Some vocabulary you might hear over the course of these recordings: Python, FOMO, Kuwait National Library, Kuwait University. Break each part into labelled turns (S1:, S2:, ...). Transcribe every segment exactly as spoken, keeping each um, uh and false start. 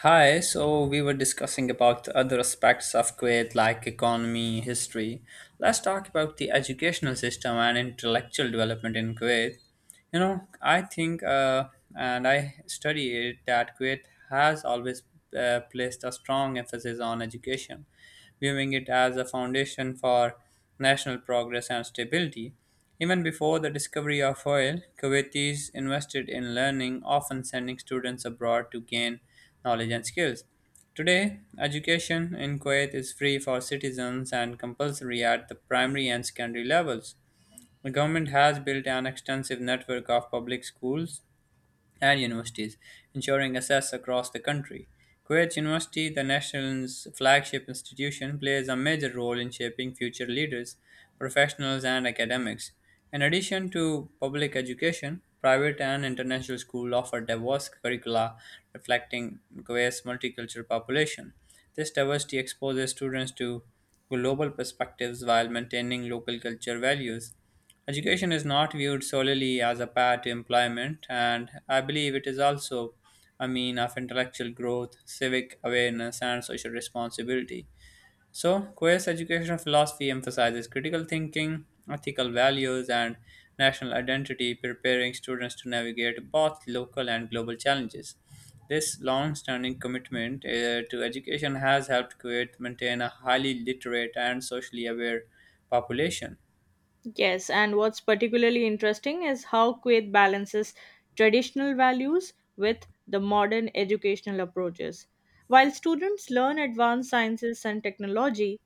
S1: Hi, so we were discussing about the other aspects of Kuwait like economy, history. Let's talk about the educational system and intellectual development in Kuwait. You know I think uh, and I study it that kuwait has always uh, placed a strong emphasis on education, viewing it as a foundation for national progress and stability. Even before the discovery of oil, kuwaitis invested in learning, often sending students abroad to gain knowledge and skills. Today, education in Kuwait is free for citizens and compulsory at the primary and secondary levels. The government has built an extensive network of public schools and universities, ensuring access across the country. Kuwait University, the nation's flagship institution, plays a major role in shaping future leaders, professionals, and academics. In addition to public education, private and international schools offer diverse curricula reflecting Kuwait's multicultural population. This diversity exposes students to global perspectives while maintaining local culture values. Education is not viewed solely as a path to employment, and I believe it is also a mean of intellectual growth, civic awareness, and social responsibility. So, Queer's educational philosophy emphasizes critical thinking, ethical values, and national identity, preparing students to navigate both local and global challenges. This long standing commitment uh, to education has helped Kuwait maintain a highly literate and socially aware population.
S2: Yes, and what's particularly interesting is how Kuwait balances traditional values with the modern educational approaches. While students learn advanced sciences and technology,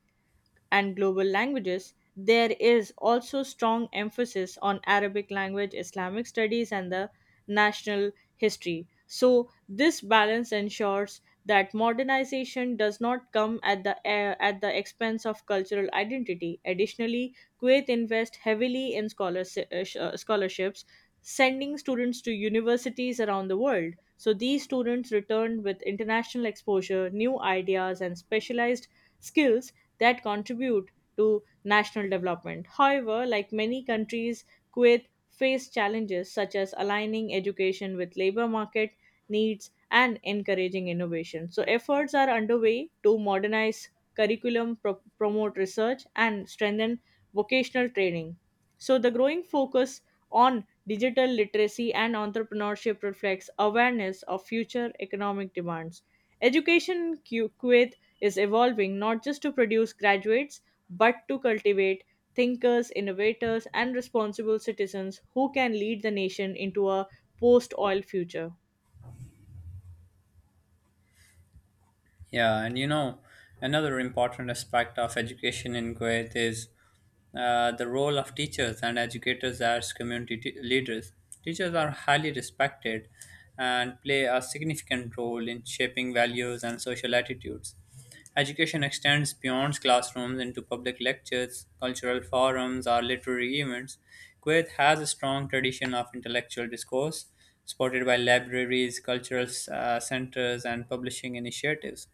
S2: and global languages, there is also strong emphasis on Arabic language, Islamic studies, and the national history. So, this balance ensures that modernization does not come at the eh, at the expense of cultural identity. Additionally, Kuwait invests heavily in scholarship, scholarships, sending students to universities around the world. So these students return with international exposure, new ideas, and specialized skills that contribute to national development. However, like many countries, Kuwait faced challenges such as aligning education with labor market needs and encouraging innovation. So, efforts are underway to modernize curriculum, pro- promote research, and strengthen vocational training. So, the growing focus on digital literacy and entrepreneurship reflects awareness of future economic demands. Education Ku- Kuwait is evolving not just to produce graduates, but to cultivate thinkers, innovators, and responsible citizens who can lead the nation into a post oil future.
S1: Yeah, and you know, another important aspect of education in Kuwait is uh, the role of teachers and educators as community t- leaders. Teachers are highly respected and play a significant role in shaping values and social attitudes. Education extends beyond classrooms into public lectures, cultural forums, or literary events. Kuwait has a strong tradition of intellectual discourse, supported by libraries, cultural uh, centers, and publishing initiatives.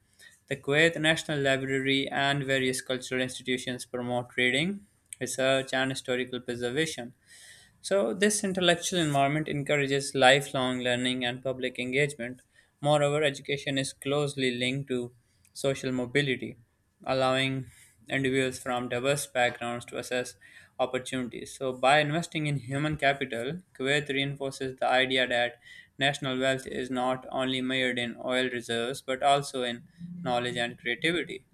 S1: The Kuwait National Library and various cultural institutions promote reading, research, and historical preservation. So, this intellectual environment encourages lifelong learning and public engagement. Moreover, education is closely linked to social mobility, allowing individuals from diverse backgrounds to assess opportunities. So, by investing in human capital, Kuwait reinforces the idea that national wealth is not only measured in oil reserves but also in knowledge and creativity.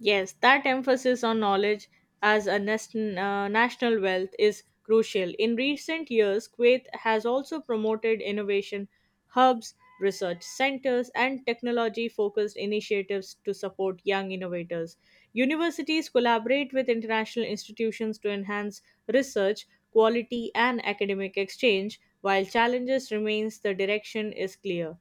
S2: Yes, that emphasis on knowledge as a nas- uh, national wealth is crucial. In recent years, Kuwait has also promoted innovation hubs, research centers, and technology focused initiatives to support young innovators. Universities collaborate with international institutions to enhance research, quality, and academic exchange, while challenges remains the direction is clear.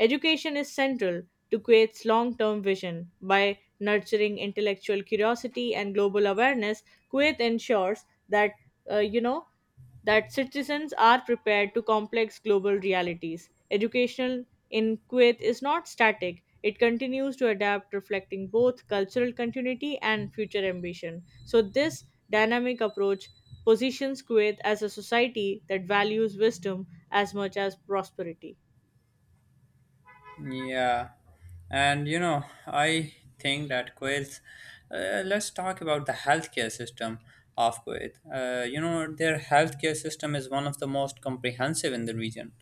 S2: Education is central to Kuwait's long term vision. By nurturing intellectual curiosity and global awareness, Kuwait ensures that, uh, you know, that citizens are prepared to complex global realities. Educational in Kuwait is not static. It continues to adapt, reflecting both cultural continuity and future ambition. So, this dynamic approach positions Kuwait as a society that values wisdom as much as prosperity.
S1: Yeah, and you know, I think that Kuwait. Uh, let's talk about the healthcare system of Kuwait. Uh, you know, their healthcare system is one of the most comprehensive in the region.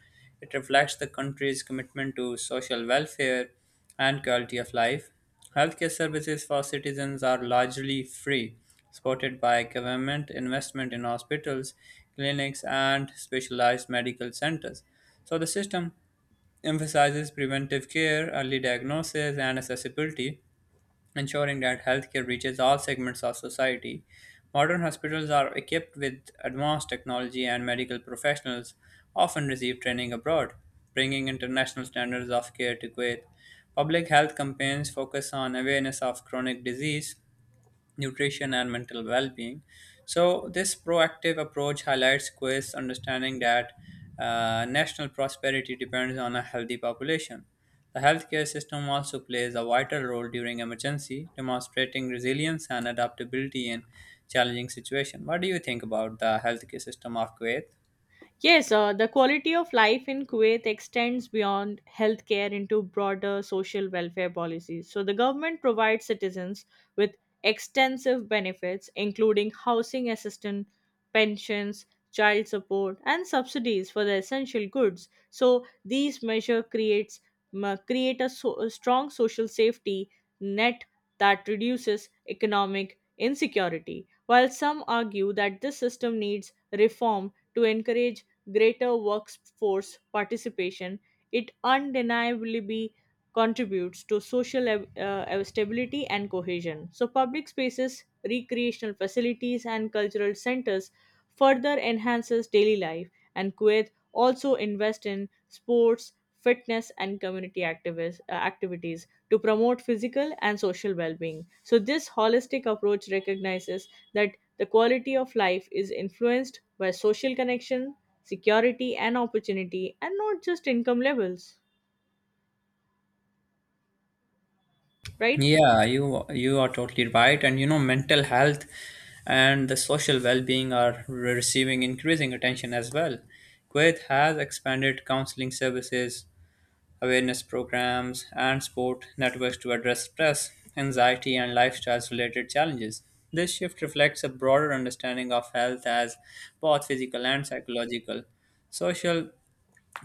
S1: It reflects the country's commitment to social welfare and quality of life. Healthcare services for citizens are largely free, supported by government investment in hospitals, clinics, and specialized medical centers. So the system emphasizes preventive care, early diagnosis, and accessibility, ensuring that healthcare reaches all segments of society. Modern hospitals are equipped with advanced technology, and medical professionals often receive training abroad, bringing international standards of care to Kuwait. Public health campaigns focus on awareness of chronic disease, nutrition, and mental well being. So, this proactive approach highlights Quest's understanding that uh, national prosperity depends on a healthy population. The healthcare system also plays a vital role during emergency, demonstrating resilience and adaptability in challenging situations. What do you think about the healthcare system of Kuwait?
S2: Yes, uh, the quality of life in Kuwait extends beyond healthcare into broader social welfare policies. So, the government provides citizens with extensive benefits, including housing assistance, pensions, child support, and subsidies for the essential goods. So, these measures creates m- create a, so- a strong social safety net that reduces economic insecurity. While some argue that this system needs reform to encourage greater workforce participation, it undeniably be- contributes to social ev- uh, stability and cohesion. So, public spaces, recreational facilities, and cultural centers further enhances daily life. And Kuwait also invest in sports, fitness, and community activis- uh, activities to promote physical and social well-being. So, this holistic approach recognizes that the quality of life is influenced by social connection, security and opportunity and not just income levels, right.
S1: Yeah, you you are totally right. And you know, mental health and the social well-being are re- receiving increasing attention as well. Kuwait has expanded counseling services, awareness programs, and support networks to address stress, anxiety, and lifestyle-related challenges. This shift reflects a broader understanding of health as both physical and psychological. Social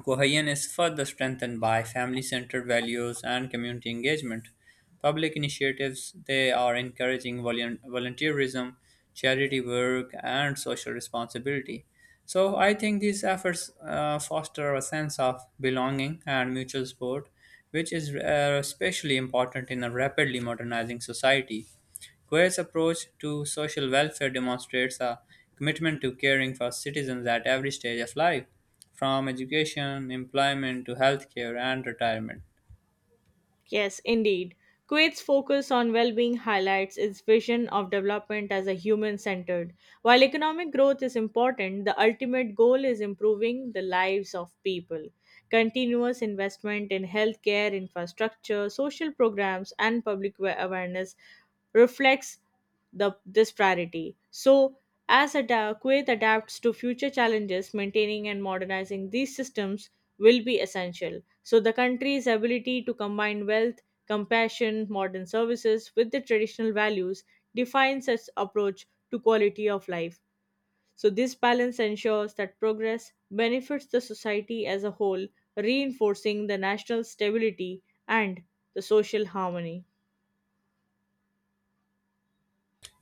S1: Cohesion is further strengthened by family centered values and community engagement. Public initiatives they are encouraging volun- volunteerism, charity work, and social responsibility. So I think these efforts uh, foster a sense of belonging and mutual support, which is uh, especially important in a rapidly modernizing society. Goya's approach to social welfare demonstrates a commitment to caring for citizens at every stage of life, from education, employment to healthcare and retirement.
S2: Yes, indeed. Kuwait's focus on well being highlights its vision of development as a human centered. While economic growth is important, the ultimate goal is improving the lives of people. Continuous investment in healthcare, infrastructure, social programs, and public wa- awareness reflects the, this priority. So, as ada- Kuwait adapts to future challenges, maintaining and modernizing these systems will be essential. So, the country's ability to combine wealth, compassion, modern services with the traditional values defines its approach to quality of life. So, this balance ensures that progress benefits the society as a whole, reinforcing the national stability and the social harmony.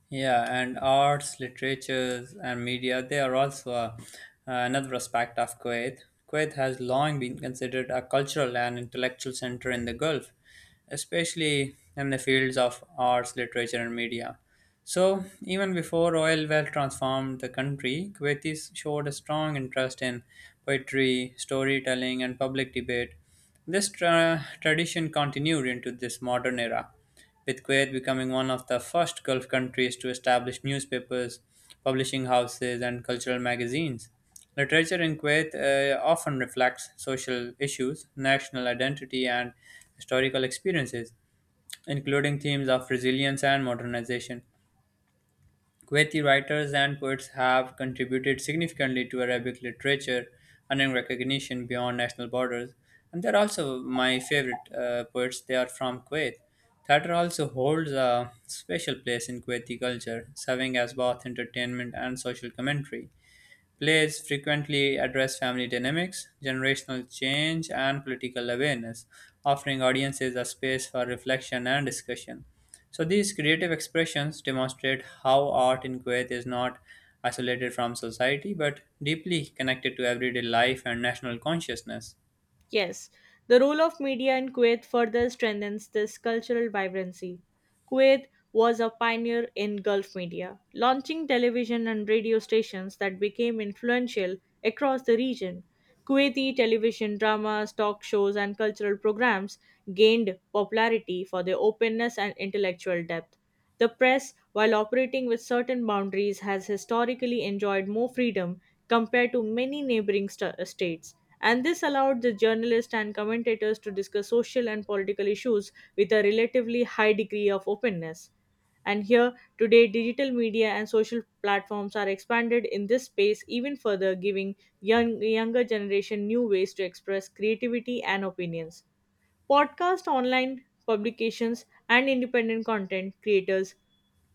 S1: Yeah, and arts, literatures, and media, they are also a, another aspect of Kuwait. Kuwait has long been considered a cultural and intellectual center in the Gulf, especially in the fields of arts, literature, and media. So, even before oil well transformed the country, Kuwaitis showed a strong interest in poetry, storytelling, and public debate. This tra- tradition continued into this modern era, with Kuwait becoming one of the first Gulf countries to establish newspapers, publishing houses, and cultural magazines. Literature in Kuwait uh, often reflects social issues, national identity, and historical experiences, including themes of resilience and modernization. Kuwaiti writers and poets have contributed significantly to Arabic literature, earning recognition beyond national borders. And they're also my favorite uh, poets. They are from Kuwait. Theater also holds a special place in Kuwaiti culture, serving as both entertainment and social commentary. Plays frequently address family dynamics, generational change, and political awareness, offering audiences a space for reflection and discussion. So, these creative expressions demonstrate how art in Kuwait is not isolated from society but deeply connected to everyday life and national consciousness.
S2: Yes, the role of media in Kuwait further strengthens this cultural vibrancy. Kuwait was a pioneer in Gulf media, launching television and radio stations that became influential across the region. Kuwaiti television dramas, talk shows, and cultural programs gained popularity for their openness and intellectual depth. The press, while operating with certain boundaries, has historically enjoyed more freedom compared to many neighboring sta- states, and this allowed the journalists and commentators to discuss social and political issues with a relatively high degree of openness. And here, today, digital media and social platforms are expanded in this space even further, giving young, younger generation new ways to express creativity and opinions. Podcast, online publications, and independent content creators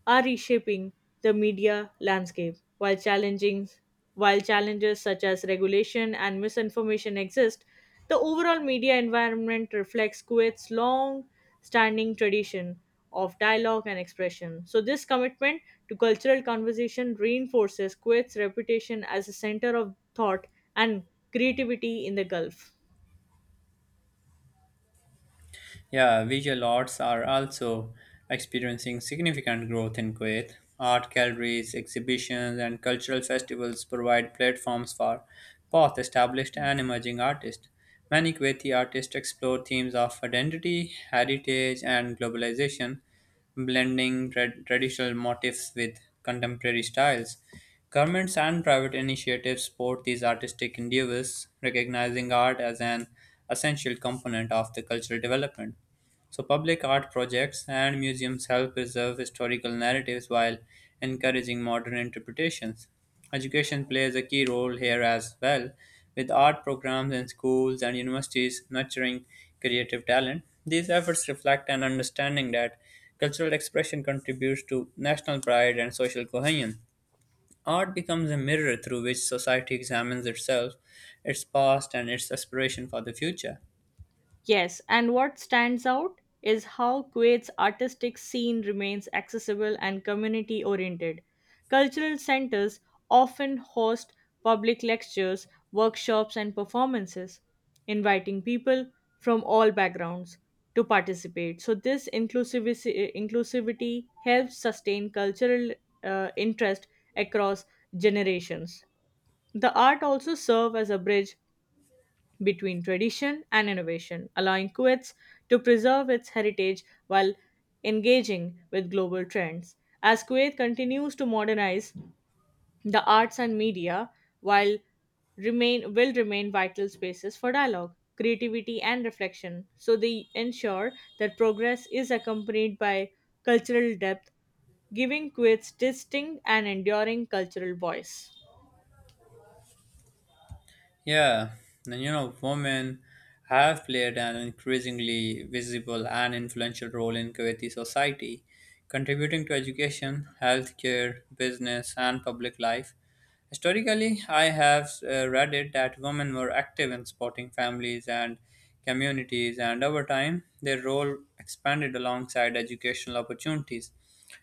S2: are reshaping the media landscape while challenging while challenges such as regulation and misinformation exist, the overall media environment reflects Kuwait's long standing tradition of dialogue and expression. So this commitment to cultural conversation reinforces Kuwait's reputation as a center of thought and creativity in the Gulf.
S1: Yeah, visual arts are also experiencing significant growth in Kuwait. Art galleries, exhibitions, and cultural festivals provide platforms for both established and emerging artists. Many Kuwaiti artists explore themes of identity, heritage, and globalization, blending tra- traditional motifs with contemporary styles. Governments and private initiatives support these artistic endeavors, recognizing art as an essential component of the cultural development. So, public art projects and museums help preserve historical narratives while encouraging modern interpretations. Education plays a key role here as well, with art programs in schools and universities nurturing creative talent. These efforts reflect an understanding that cultural expression contributes to national pride and social cohesion. Art becomes a mirror through which society examines itself, its past, and its aspiration for the future.
S2: Yes, and what stands out is how Kuwait's artistic scene remains accessible and community oriented. Cultural centers often host public lectures, workshops, and performances, inviting people from all backgrounds to participate. So, this inclusivity, inclusivity helps sustain cultural uh, interest across generations. The art also serves as a bridge between tradition and innovation, allowing Kuwait to preserve its heritage while engaging with global trends. As Kuwait continues to modernize the arts and media, while remain will remain vital spaces for dialogue, creativity, and reflection. So they ensure that progress is accompanied by cultural depth, giving Kuwait's distinct and enduring cultural voice.
S1: Yeah, and you know, women have played an increasingly visible and influential role in Kuwaiti society, contributing to education, healthcare, business, and public life. Historically, I have uh, read it that women were active in supporting families and communities, and over time, their role expanded alongside educational opportunities.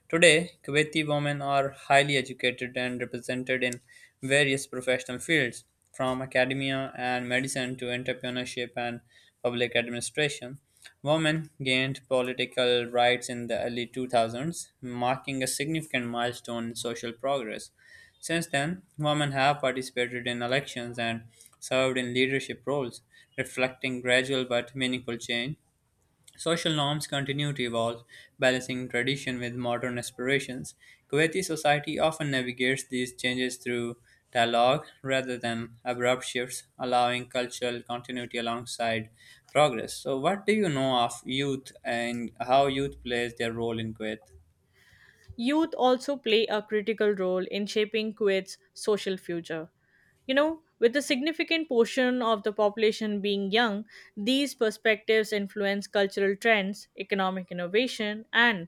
S1: Today, Kuwaiti women are highly educated and represented in various professional fields, from academia and medicine to entrepreneurship and public administration. Women gained political rights in the early two thousands, marking a significant milestone in social progress. Since then, women have participated in elections and served in leadership roles, reflecting gradual but meaningful change. Social norms continue to evolve, balancing tradition with modern aspirations. Kuwaiti society often navigates these changes through dialogue rather than abrupt shifts, allowing cultural continuity alongside progress. So, what do you know of youth and how youth plays their role in Kuwait?
S2: Youth also play a critical role in shaping Kuwait's social future. You know, with a significant portion of the population being young, these perspectives influence cultural trends, economic innovation, and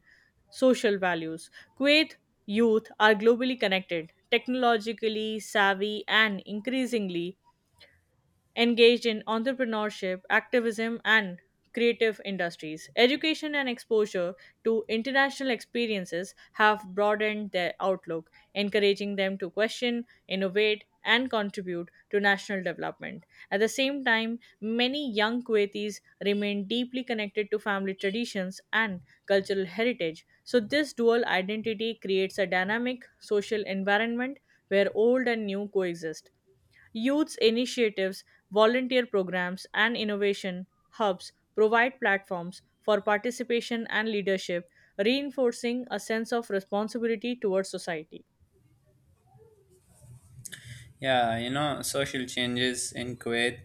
S2: social values. Kuwait youth are globally connected, technologically savvy, and increasingly engaged in entrepreneurship, activism, and creative industries. Education and exposure to international experiences have broadened their outlook, encouraging them to question, innovate, and contribute to national development. At the same time, many young Kuwaitis remain deeply connected to family traditions and cultural heritage. So, this dual identity creates a dynamic social environment where old and new coexist. Youth initiatives, volunteer programs, and innovation hubs provide platforms for participation and leadership, reinforcing a sense of responsibility towards society.
S1: Yeah, you know, social changes in Kuwait,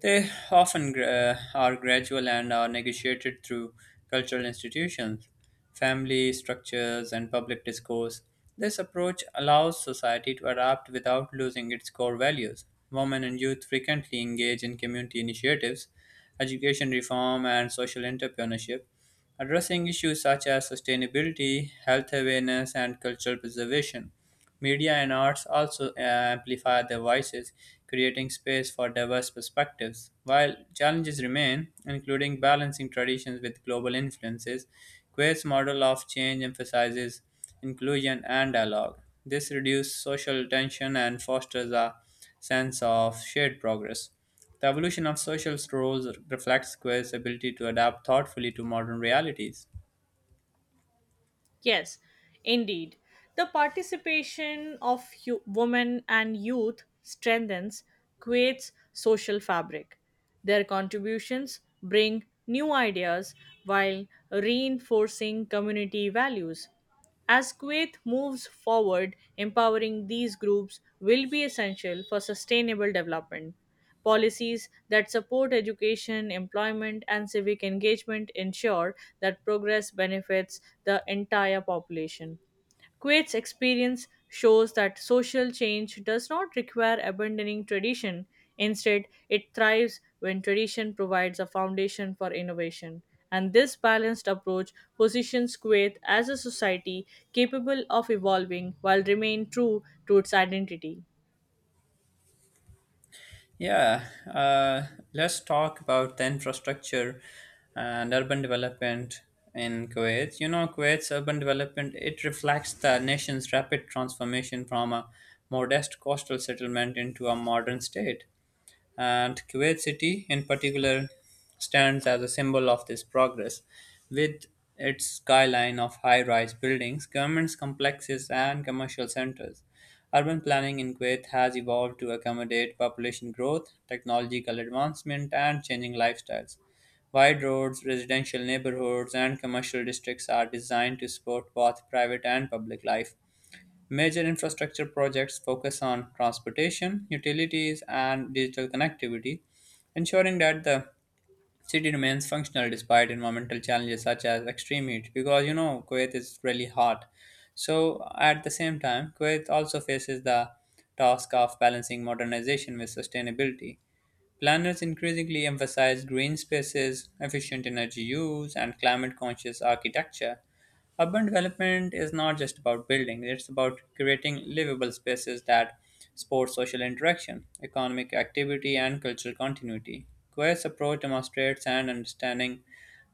S1: they often gra- uh, are gradual and are negotiated through cultural institutions, family structures, and public discourse. This approach allows society to adapt without losing its core values. Women and youth frequently engage in community initiatives, education reform, and social entrepreneurship, addressing issues such as sustainability, health awareness, and cultural preservation. Media and arts also uh, amplify their voices, creating space for diverse perspectives. While challenges remain, including balancing traditions with global influences, Quaid's model of change emphasizes inclusion and dialogue. This reduces social tension and fosters a sense of shared progress. The evolution of social roles reflects Square's ability to adapt thoughtfully to modern realities.
S2: Yes, indeed. The participation of yo- women and youth strengthens Kuwait's social fabric. Their contributions bring new ideas while reinforcing community values. As Kuwait moves forward, empowering these groups will be essential for sustainable development. Policies that support education, employment, and civic engagement ensure that progress benefits the entire population. Kuwait's experience shows that social change does not require abandoning tradition. Instead, it thrives when tradition provides a foundation for innovation. And this balanced approach positions Kuwait as a society capable of evolving while remaining true to its identity.
S1: Yeah, uh, let's talk about the infrastructure and urban development in Kuwait. You know, Kuwait's urban development it reflects the nation's rapid transformation from a modest coastal settlement into a modern state. And Kuwait City, in particular, stands as a symbol of this progress. With its skyline of high rise buildings, government complexes, and commercial centers, urban planning in Kuwait has evolved to accommodate population growth, technological advancement, and changing lifestyles. Wide roads, residential neighborhoods, and commercial districts are designed to support both private and public life. Major infrastructure projects focus on transportation, utilities, and digital connectivity, ensuring that the city remains functional despite environmental challenges such as extreme heat. Because you know, Kuwait is really hot. So, at the same time, Kuwait also faces the task of balancing modernization with sustainability. Planners increasingly emphasize green spaces, efficient energy use, and climate conscious architecture. Urban development is not just about building, it's about creating livable spaces that support social interaction, economic activity, and cultural continuity. Quest's approach demonstrates an understanding,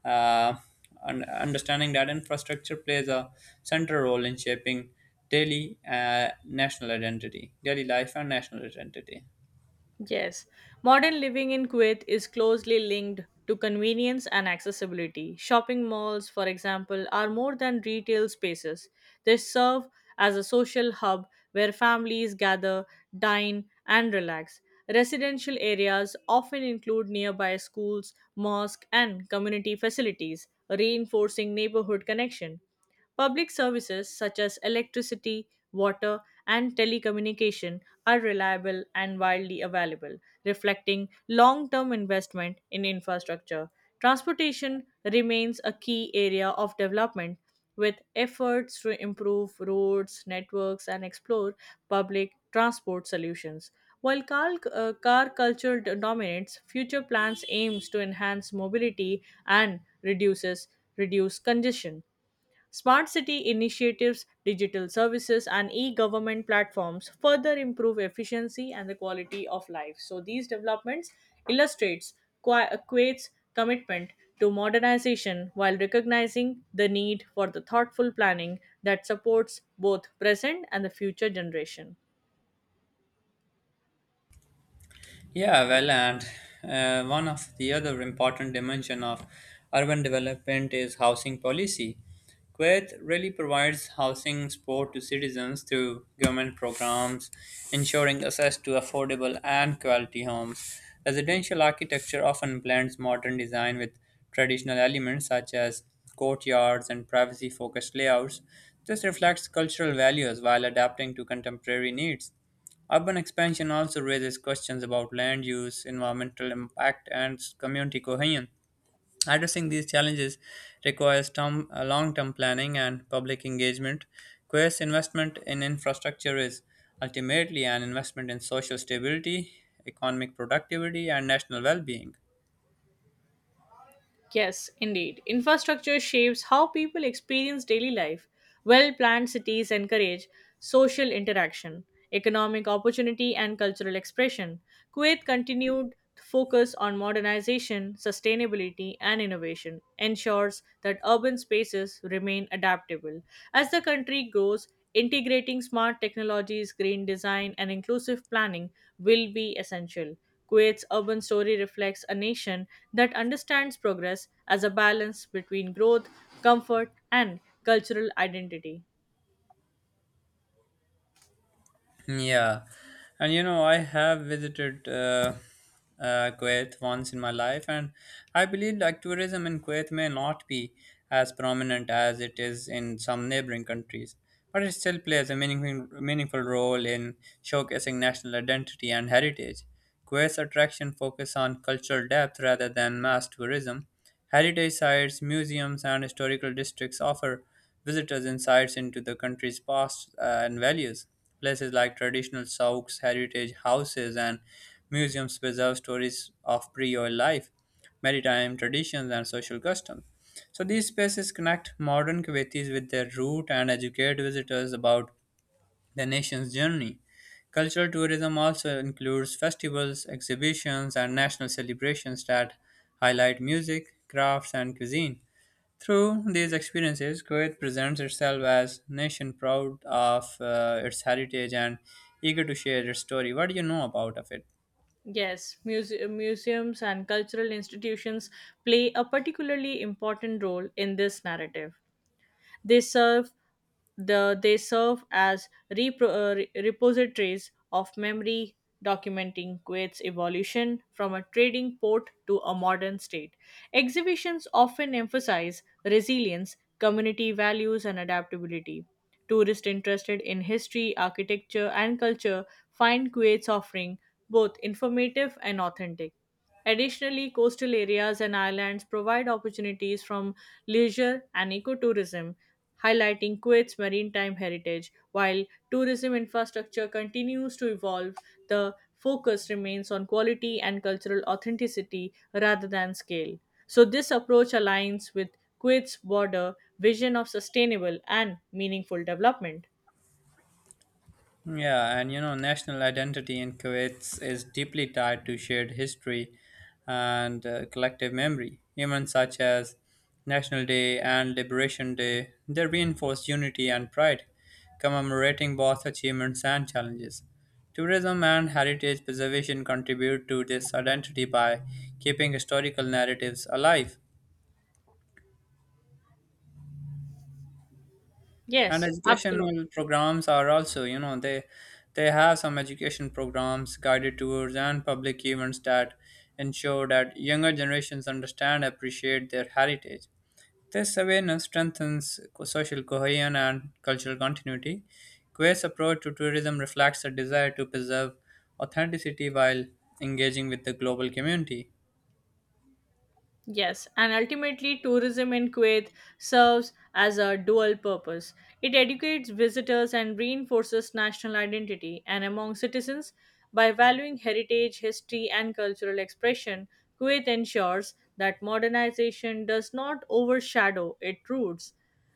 S1: uh, un- understanding that infrastructure plays a central role in shaping daily uh, national identity, daily life, and national identity.
S2: Yes, modern living in Kuwait is closely linked to convenience and accessibility. Shopping malls, for example, are more than retail spaces. They serve as a social hub where families gather, dine, and relax. Residential areas often include nearby schools, mosques, and community facilities, reinforcing neighborhood connection. Public services such as electricity, water, and telecommunication are reliable and widely available, reflecting long term investment in infrastructure. Transportation remains a key area of development, with efforts to improve roads, networks, and explore public transport solutions. While car, uh, car culture d- dominates, future plans aims to enhance mobility and reduces reduce congestion. Smart city initiatives, digital services, and e government platforms further improve efficiency and the quality of life. So, these developments illustrates Qua- Kuwait's commitment to modernization while recognizing the need for the thoughtful planning that supports both present and the future generation.
S1: Yeah, well, and uh, one of the other important dimension of urban development is housing policy. Kuwait really provides housing support to citizens through government programs, ensuring access to affordable and quality homes. Residential architecture often blends modern design with traditional elements such as courtyards and privacy focused layouts. This reflects cultural values while adapting to contemporary needs. Urban expansion also raises questions about land use, environmental impact, and community cohesion. Addressing these challenges requires term, uh, long-term planning and public engagement. Quest investment in infrastructure is ultimately an investment in social stability, economic productivity, and national well-being.
S2: Yes, indeed. Infrastructure shapes how people experience daily life. Well planned cities encourage social interaction, economic opportunity, and cultural expression. Kuwait continued to focus on modernization, sustainability, and innovation, ensures that urban spaces remain adaptable. As the country grows, integrating smart technologies, green design, and inclusive planning will be essential. Kuwait's urban story reflects a nation that understands progress as a balance between growth, comfort, and cultural identity.
S1: Yeah, and you know, I have visited uh, uh, Kuwait once in my life, and I believe like tourism in Kuwait may not be as prominent as it is in some neighboring countries, but it still plays a meaningful, meaningful role in showcasing national identity and heritage. Kuwait's attraction focus on cultural depth rather than mass tourism. Heritage sites, museums, and historical districts offer visitors insights into the country's past uh, and values. Places like traditional souks, heritage houses, and museums preserve stories of pre-oil life, maritime traditions, and social customs. So these spaces connect modern Kuwaitis with their root and educate visitors about the nation's journey. Cultural tourism also includes festivals, exhibitions, and national celebrations that highlight music, crafts, and cuisine. Through these experiences, Kuwait presents itself as a nation proud of uh, its heritage and eager to share its story. What do you know about of it?
S2: Yes, muse- museums and cultural institutions play a particularly important role in this narrative. They serve the they serve as repro, uh, re- repositories of memory documenting Kuwait's evolution from a trading port to a modern state. Exhibitions often emphasize resilience, community values, and adaptability. Tourists interested in history, architecture, and culture find Kuwait's offering both informative and authentic. Additionally, coastal areas and islands provide opportunities from leisure and ecotourism highlighting Kuwait's maritime heritage. While tourism infrastructure continues to evolve, the focus remains on quality and cultural authenticity rather than scale. So, this approach aligns with Kuwait's broader vision of sustainable and meaningful development.
S1: Yeah, and you know, national identity in Kuwait is deeply tied to shared history and uh, collective memory. Events such as National Day and Liberation Day, they reinforce unity and pride, commemorating both achievements and challenges. Tourism and heritage preservation contribute to this identity by keeping historical narratives alive. And
S2: Yes, absolutely.
S1: educational programs are also, you know, they they have some education programs, guided tours, and public events that ensure that younger generations understand and appreciate their heritage. This awareness strengthens co- social cohesion and cultural continuity. Quays approach to tourism reflects a desire to preserve authenticity while engaging with the global community.
S2: Yes, and ultimately, tourism in Kuwait serves as a dual purpose. It educates visitors and reinforces national identity, and among citizens, by valuing heritage, history, and cultural expression, Kuwait ensures that modernization does not overshadow its roots.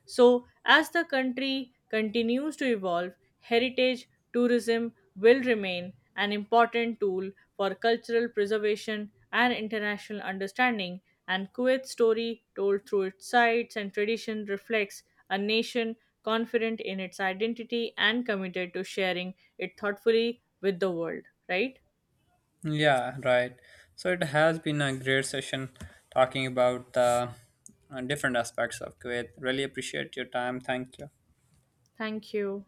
S2: So, as the country continues to evolve, heritage tourism will remain an important tool for cultural preservation and international understanding, and Kuwait's story, told through its sites and tradition, reflects a nation confident in its identity and committed to sharing it thoughtfully with the world. Right?
S1: Yeah, right. So it has been a great session talking about the uh, different aspects of Kuwait. Really appreciate your time. Thank you.
S2: Thank you.